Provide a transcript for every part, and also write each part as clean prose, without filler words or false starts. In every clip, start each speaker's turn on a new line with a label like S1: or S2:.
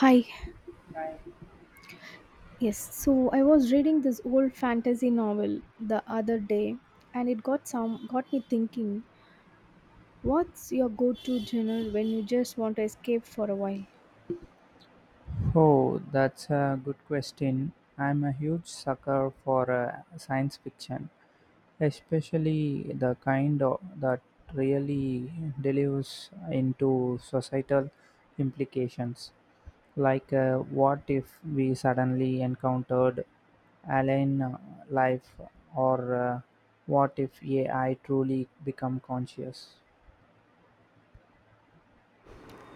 S1: Hi, yes. So I was reading this old fantasy novel the other day and it got me thinking, what's your go-to genre when you just want to escape for a while?
S2: Oh, that's a good question. I'm a huge sucker for science fiction, especially the kind of, that really delves into societal implications. Like, what if we suddenly encountered alien life, or what if AI truly become conscious?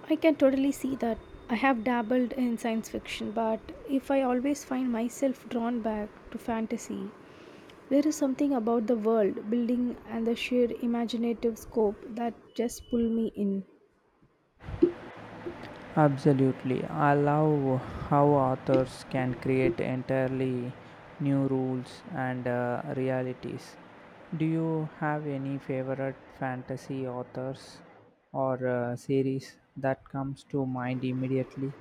S1: I can totally see that. I have dabbled in science fiction, but if I always find myself drawn back to fantasy, there is something about the world building and the sheer imaginative scope that just pull me in.
S2: Absolutely. I love how authors can create entirely new rules and realities. Do you have any favorite fantasy authors or series that comes to mind immediately?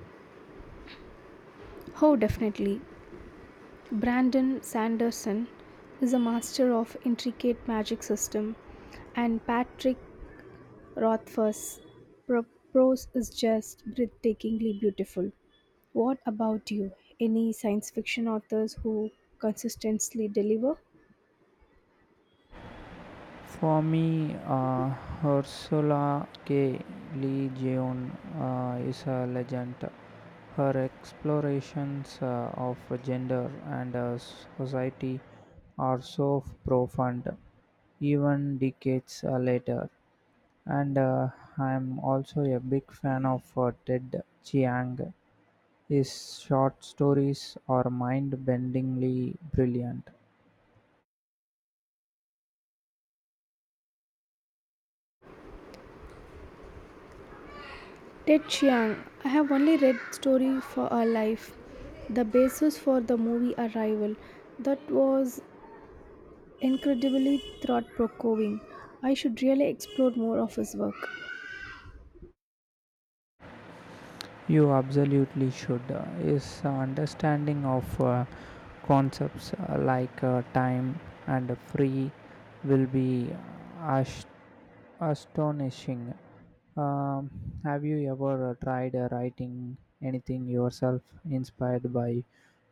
S1: Oh, definitely. Brandon Sanderson is a master of intricate magic system, and Patrick Rothfuss' prose is just breathtakingly beautiful. What about you? Any science fiction authors who consistently deliver?
S2: For me, Ursula K. Le Guin is a legend. Her explorations of gender and society are so profound, even decades later. And I'm also a big fan of Ted Chiang. His short stories are mind bendingly brilliant.
S1: Ted Chiang, I have only read Story for Our Life, the basis for the movie Arrival. That was incredibly thought provoking. I should really explore more of his work.
S2: You absolutely should. Is understanding of concepts like time and free will be ast- astonishing. Um, have you ever tried writing anything yourself inspired by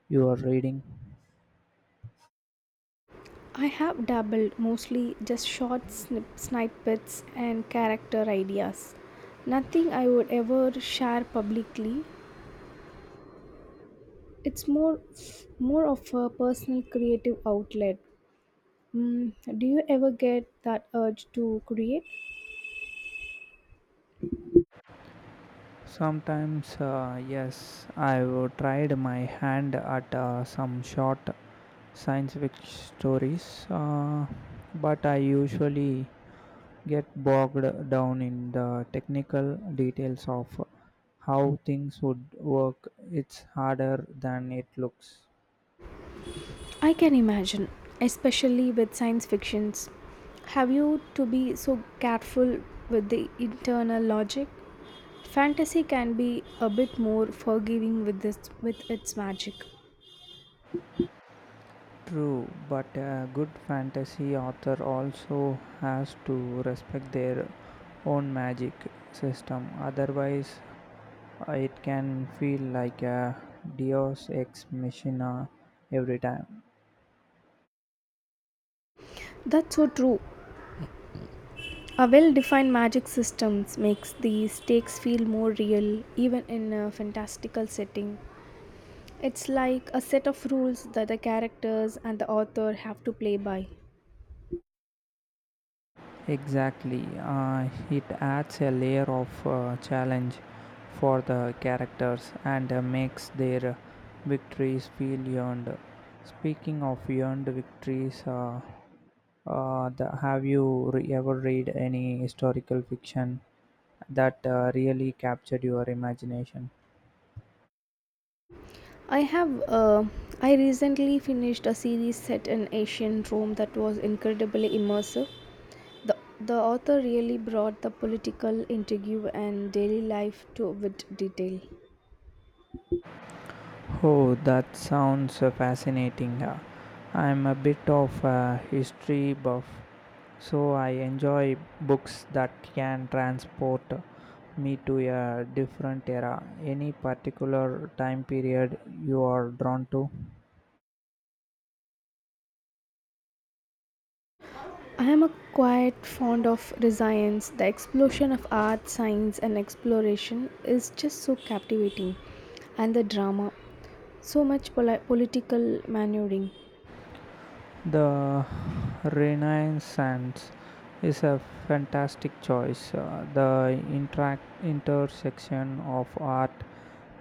S2: your reading?
S1: I have dabbled mostly just snippets and character ideas. Nothing I would ever share publicly. It's more of a personal creative outlet. Mm, do you ever get that urge to create?
S2: Sometimes, yes, I've tried my hand at some short science fiction stories, but I usually get bogged down in the technical details of how things would work. It's harder than it looks.
S1: I can imagine, especially with science fictions. Have you to be so careful with the internal logic? Fantasy can be a bit more forgiving with this with its magic.
S2: True, but a good fantasy author also has to respect their own magic system, otherwise, it can feel like a Deus ex machina every time.
S1: That's so true. A well defined magic systems makes the stakes feel more real even in a fantastical setting. It's like a set of rules that the characters and the author have to play by.
S2: Exactly. It adds a layer of challenge for the characters and makes their victories feel earned. Speaking of earned victories, have you ever read any historical fiction that really captured your imagination?
S1: I have I recently finished a series set in ancient Rome that was incredibly immersive. The the author really brought the political intrigue and daily life to with detail.
S2: Oh, that sounds fascinating. I'm a bit of a history buff, so I enjoy books that can transport me to a different era. Any particular time period you are drawn to?
S1: I am a quite fond of resilience. The explosion of art, science, and exploration is just so captivating, and the drama, so much political maneuvering.
S2: The Renaissance is a fantastic choice. Uh, intersection of art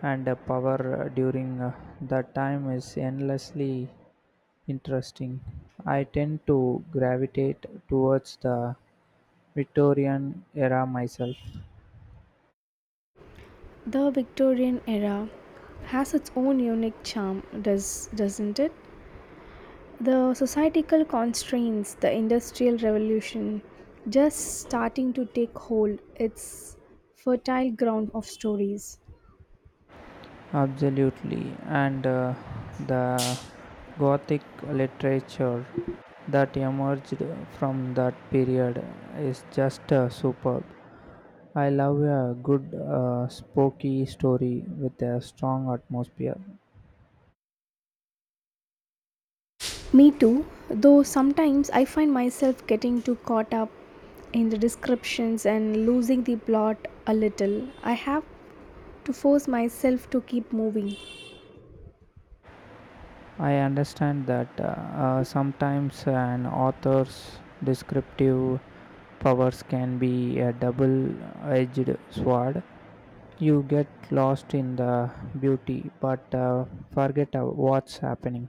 S2: and power during that time is endlessly interesting. I tend to gravitate towards the Victorian era myself.
S1: The Victorian era has its own unique charm, doesn't it? The societal constraints, the industrial revolution, just starting to take hold. It's fertile ground of stories.
S2: Absolutely, and the Gothic literature that emerged from that period is just superb. I love a good spooky story with a strong atmosphere.
S1: Me too, though sometimes I find myself getting too caught up in the descriptions and losing the plot a little. I have to force myself to keep moving.
S2: I understand that sometimes an author's descriptive powers can be a double edged sword. You get lost in the beauty but forget what's happening.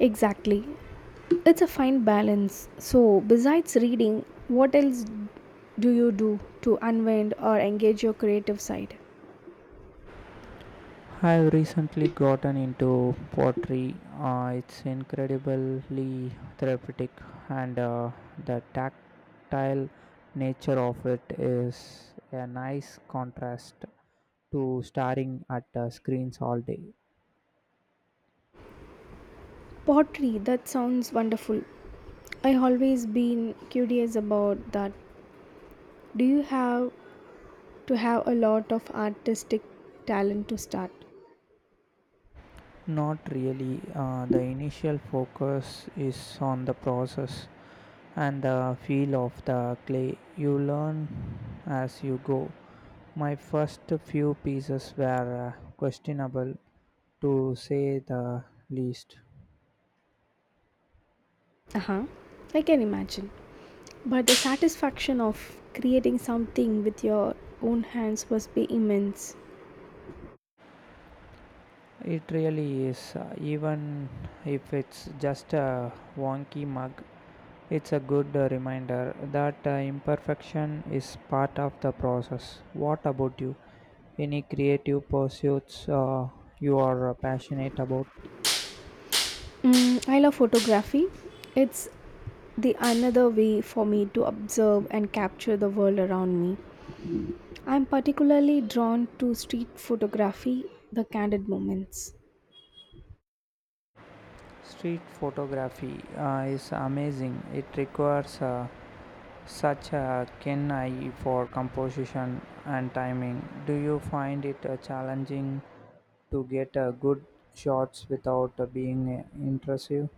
S1: Exactly. It's a fine balance. So, besides reading, what else do you do to unwind or engage your creative side?
S2: I've recently gotten into pottery. It's incredibly therapeutic, and the tactile nature of it is a nice contrast to staring at screens all day.
S1: Pottery, that sounds wonderful. I always been curious about that. Do you have to have a lot of artistic talent to start?
S2: Not really. The initial focus is on the process, and the feel of the clay. You learn as you go. My first few pieces were questionable, to say the least.
S1: Uh huh. I can imagine. But the satisfaction of creating something with your own hands must be immense.
S2: It really is, even if it's just a wonky mug, it's a good reminder that imperfection is part of the process. What about you? Any creative pursuits you are passionate about?
S1: Mm, I love photography. It's the another way for me to observe and capture the world around me. I'm particularly drawn to street photography, the candid moments.
S2: Street photography is amazing. It requires such a keen eye for composition and timing. Do you find it challenging to get good shots without being intrusive?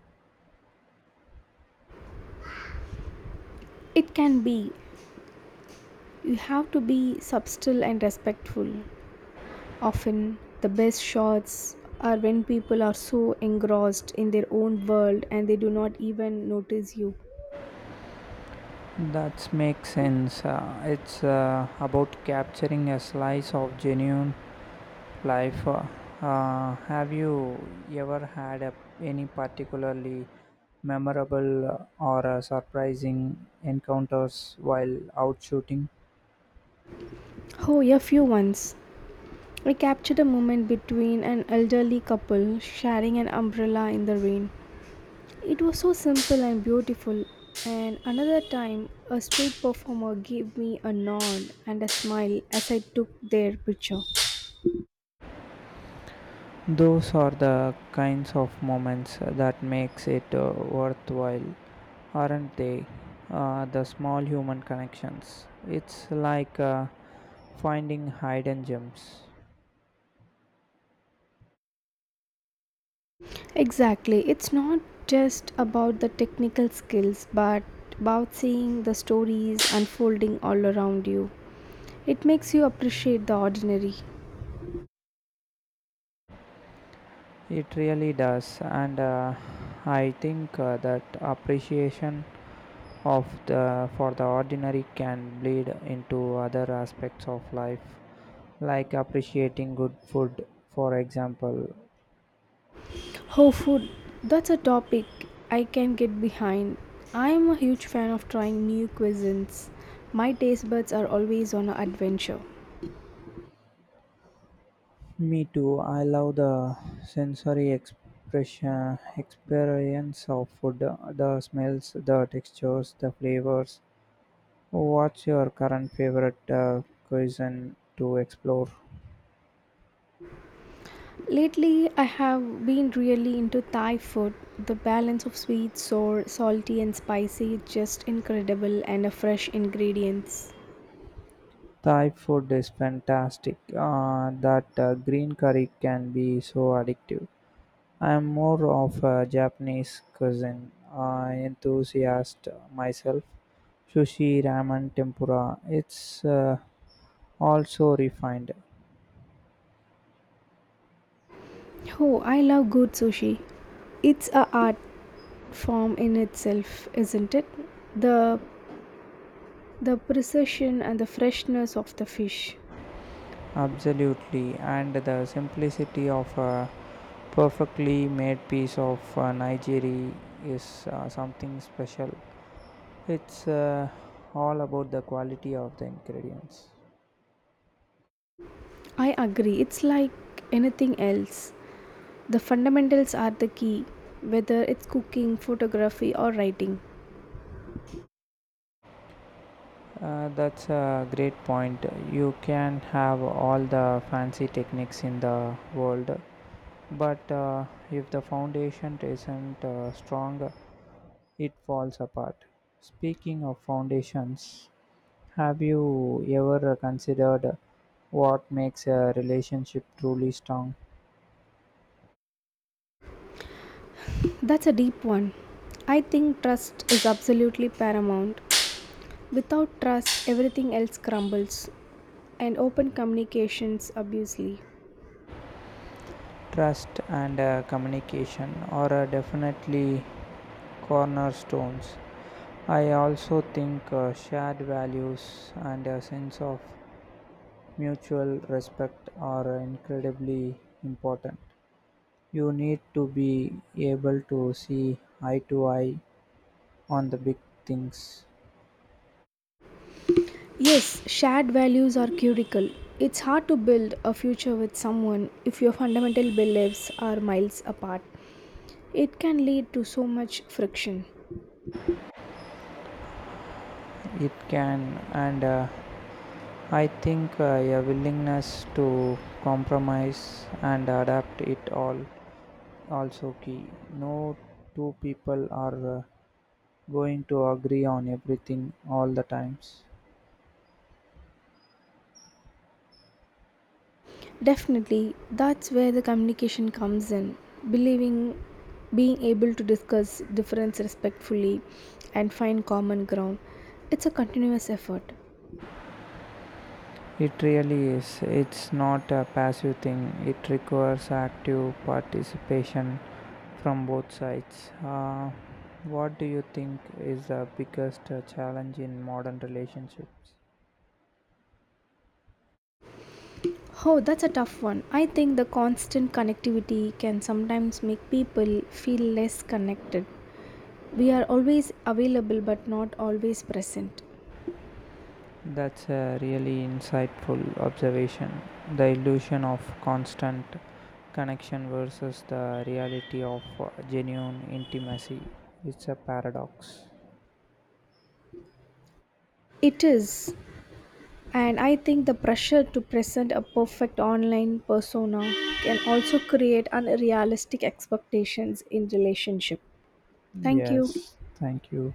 S1: It can be. You have to be subtle and respectful. Often, the best shots are when people are so engrossed in their own world and they do not even notice you.
S2: That makes sense. It's about capturing a slice of genuine life. Have you ever any particularly memorable or surprising encounters while out shooting?
S1: Oh, a few once. I captured a moment between an elderly couple sharing an umbrella in the rain. It was so simple and beautiful. And another time, a street performer gave me a nod and a smile as I took their picture.
S2: Those are the kinds of moments that makes it worthwhile, aren't they? The small human connections. It's like finding hidden gems.
S1: Exactly. It's not just about the technical skills, but about seeing the stories unfolding all around you. It makes you appreciate the ordinary.
S2: It really does, and I think that appreciation of the for the ordinary can bleed into other aspects of life, like appreciating good food, for example.
S1: Oh, food. That's a topic I can get behind. I am a huge fan of trying new cuisines. My taste buds are always on an adventure.
S2: Me too, I love the sensory expression experience of food, the smells, the textures, the flavors. What's your current favorite cuisine to explore?
S1: Lately, I have been really into Thai food. The balance of sweet, sour, salty, and spicy is just incredible, and the fresh ingredients.
S2: Thai food is fantastic. That green curry can be so addictive. I'm more of a Japanese cuisine enthusiast myself. Sushi, ramen, tempura. It's also refined.
S1: Oh, I love good sushi. It's a art form in itself, isn't it? The the precision and the freshness of the fish.
S2: Absolutely. And the simplicity of a perfectly made piece of Nigeri is something special. It's all about the quality of the ingredients.
S1: I agree. It's like anything else. The fundamentals are the key, whether it's cooking, photography or writing.
S2: That's a great point. You can have all the fancy techniques in the world, but if the foundation isn't strong, it falls apart. Speaking of foundations, have you ever considered what makes a relationship truly strong?
S1: That's a deep one. I think trust is absolutely paramount. Without trust, everything else crumbles and open communications obviously.
S2: Trust and communication are definitely cornerstones. I also think shared values and a sense of mutual respect are incredibly important. You need to be able to see eye to eye on the big things.
S1: Yes, shared values are critical. It's hard to build a future with someone if your fundamental beliefs are miles apart. It can lead to so much friction.
S2: It can, and I think a willingness to compromise and adapt it all also key. No two people are going to agree on everything all the times.
S1: Definitely, that's where the communication comes in. Believing, being able to discuss difference respectfully and find common ground. It's a continuous effort.
S2: It really is. It's not a passive thing, it requires active participation from both sides. What do you think is the biggest challenge in modern relationships?
S1: Oh, that's a tough one. I think the constant connectivity can sometimes make people feel less connected. We are always available but not always present.
S2: That's a really insightful observation. The illusion of constant connection versus the reality of genuine intimacy. It's a paradox.
S1: It is, and I think the pressure to present a perfect online persona can also create unrealistic expectations in relationship. Thank you.
S2: Yes, thank you.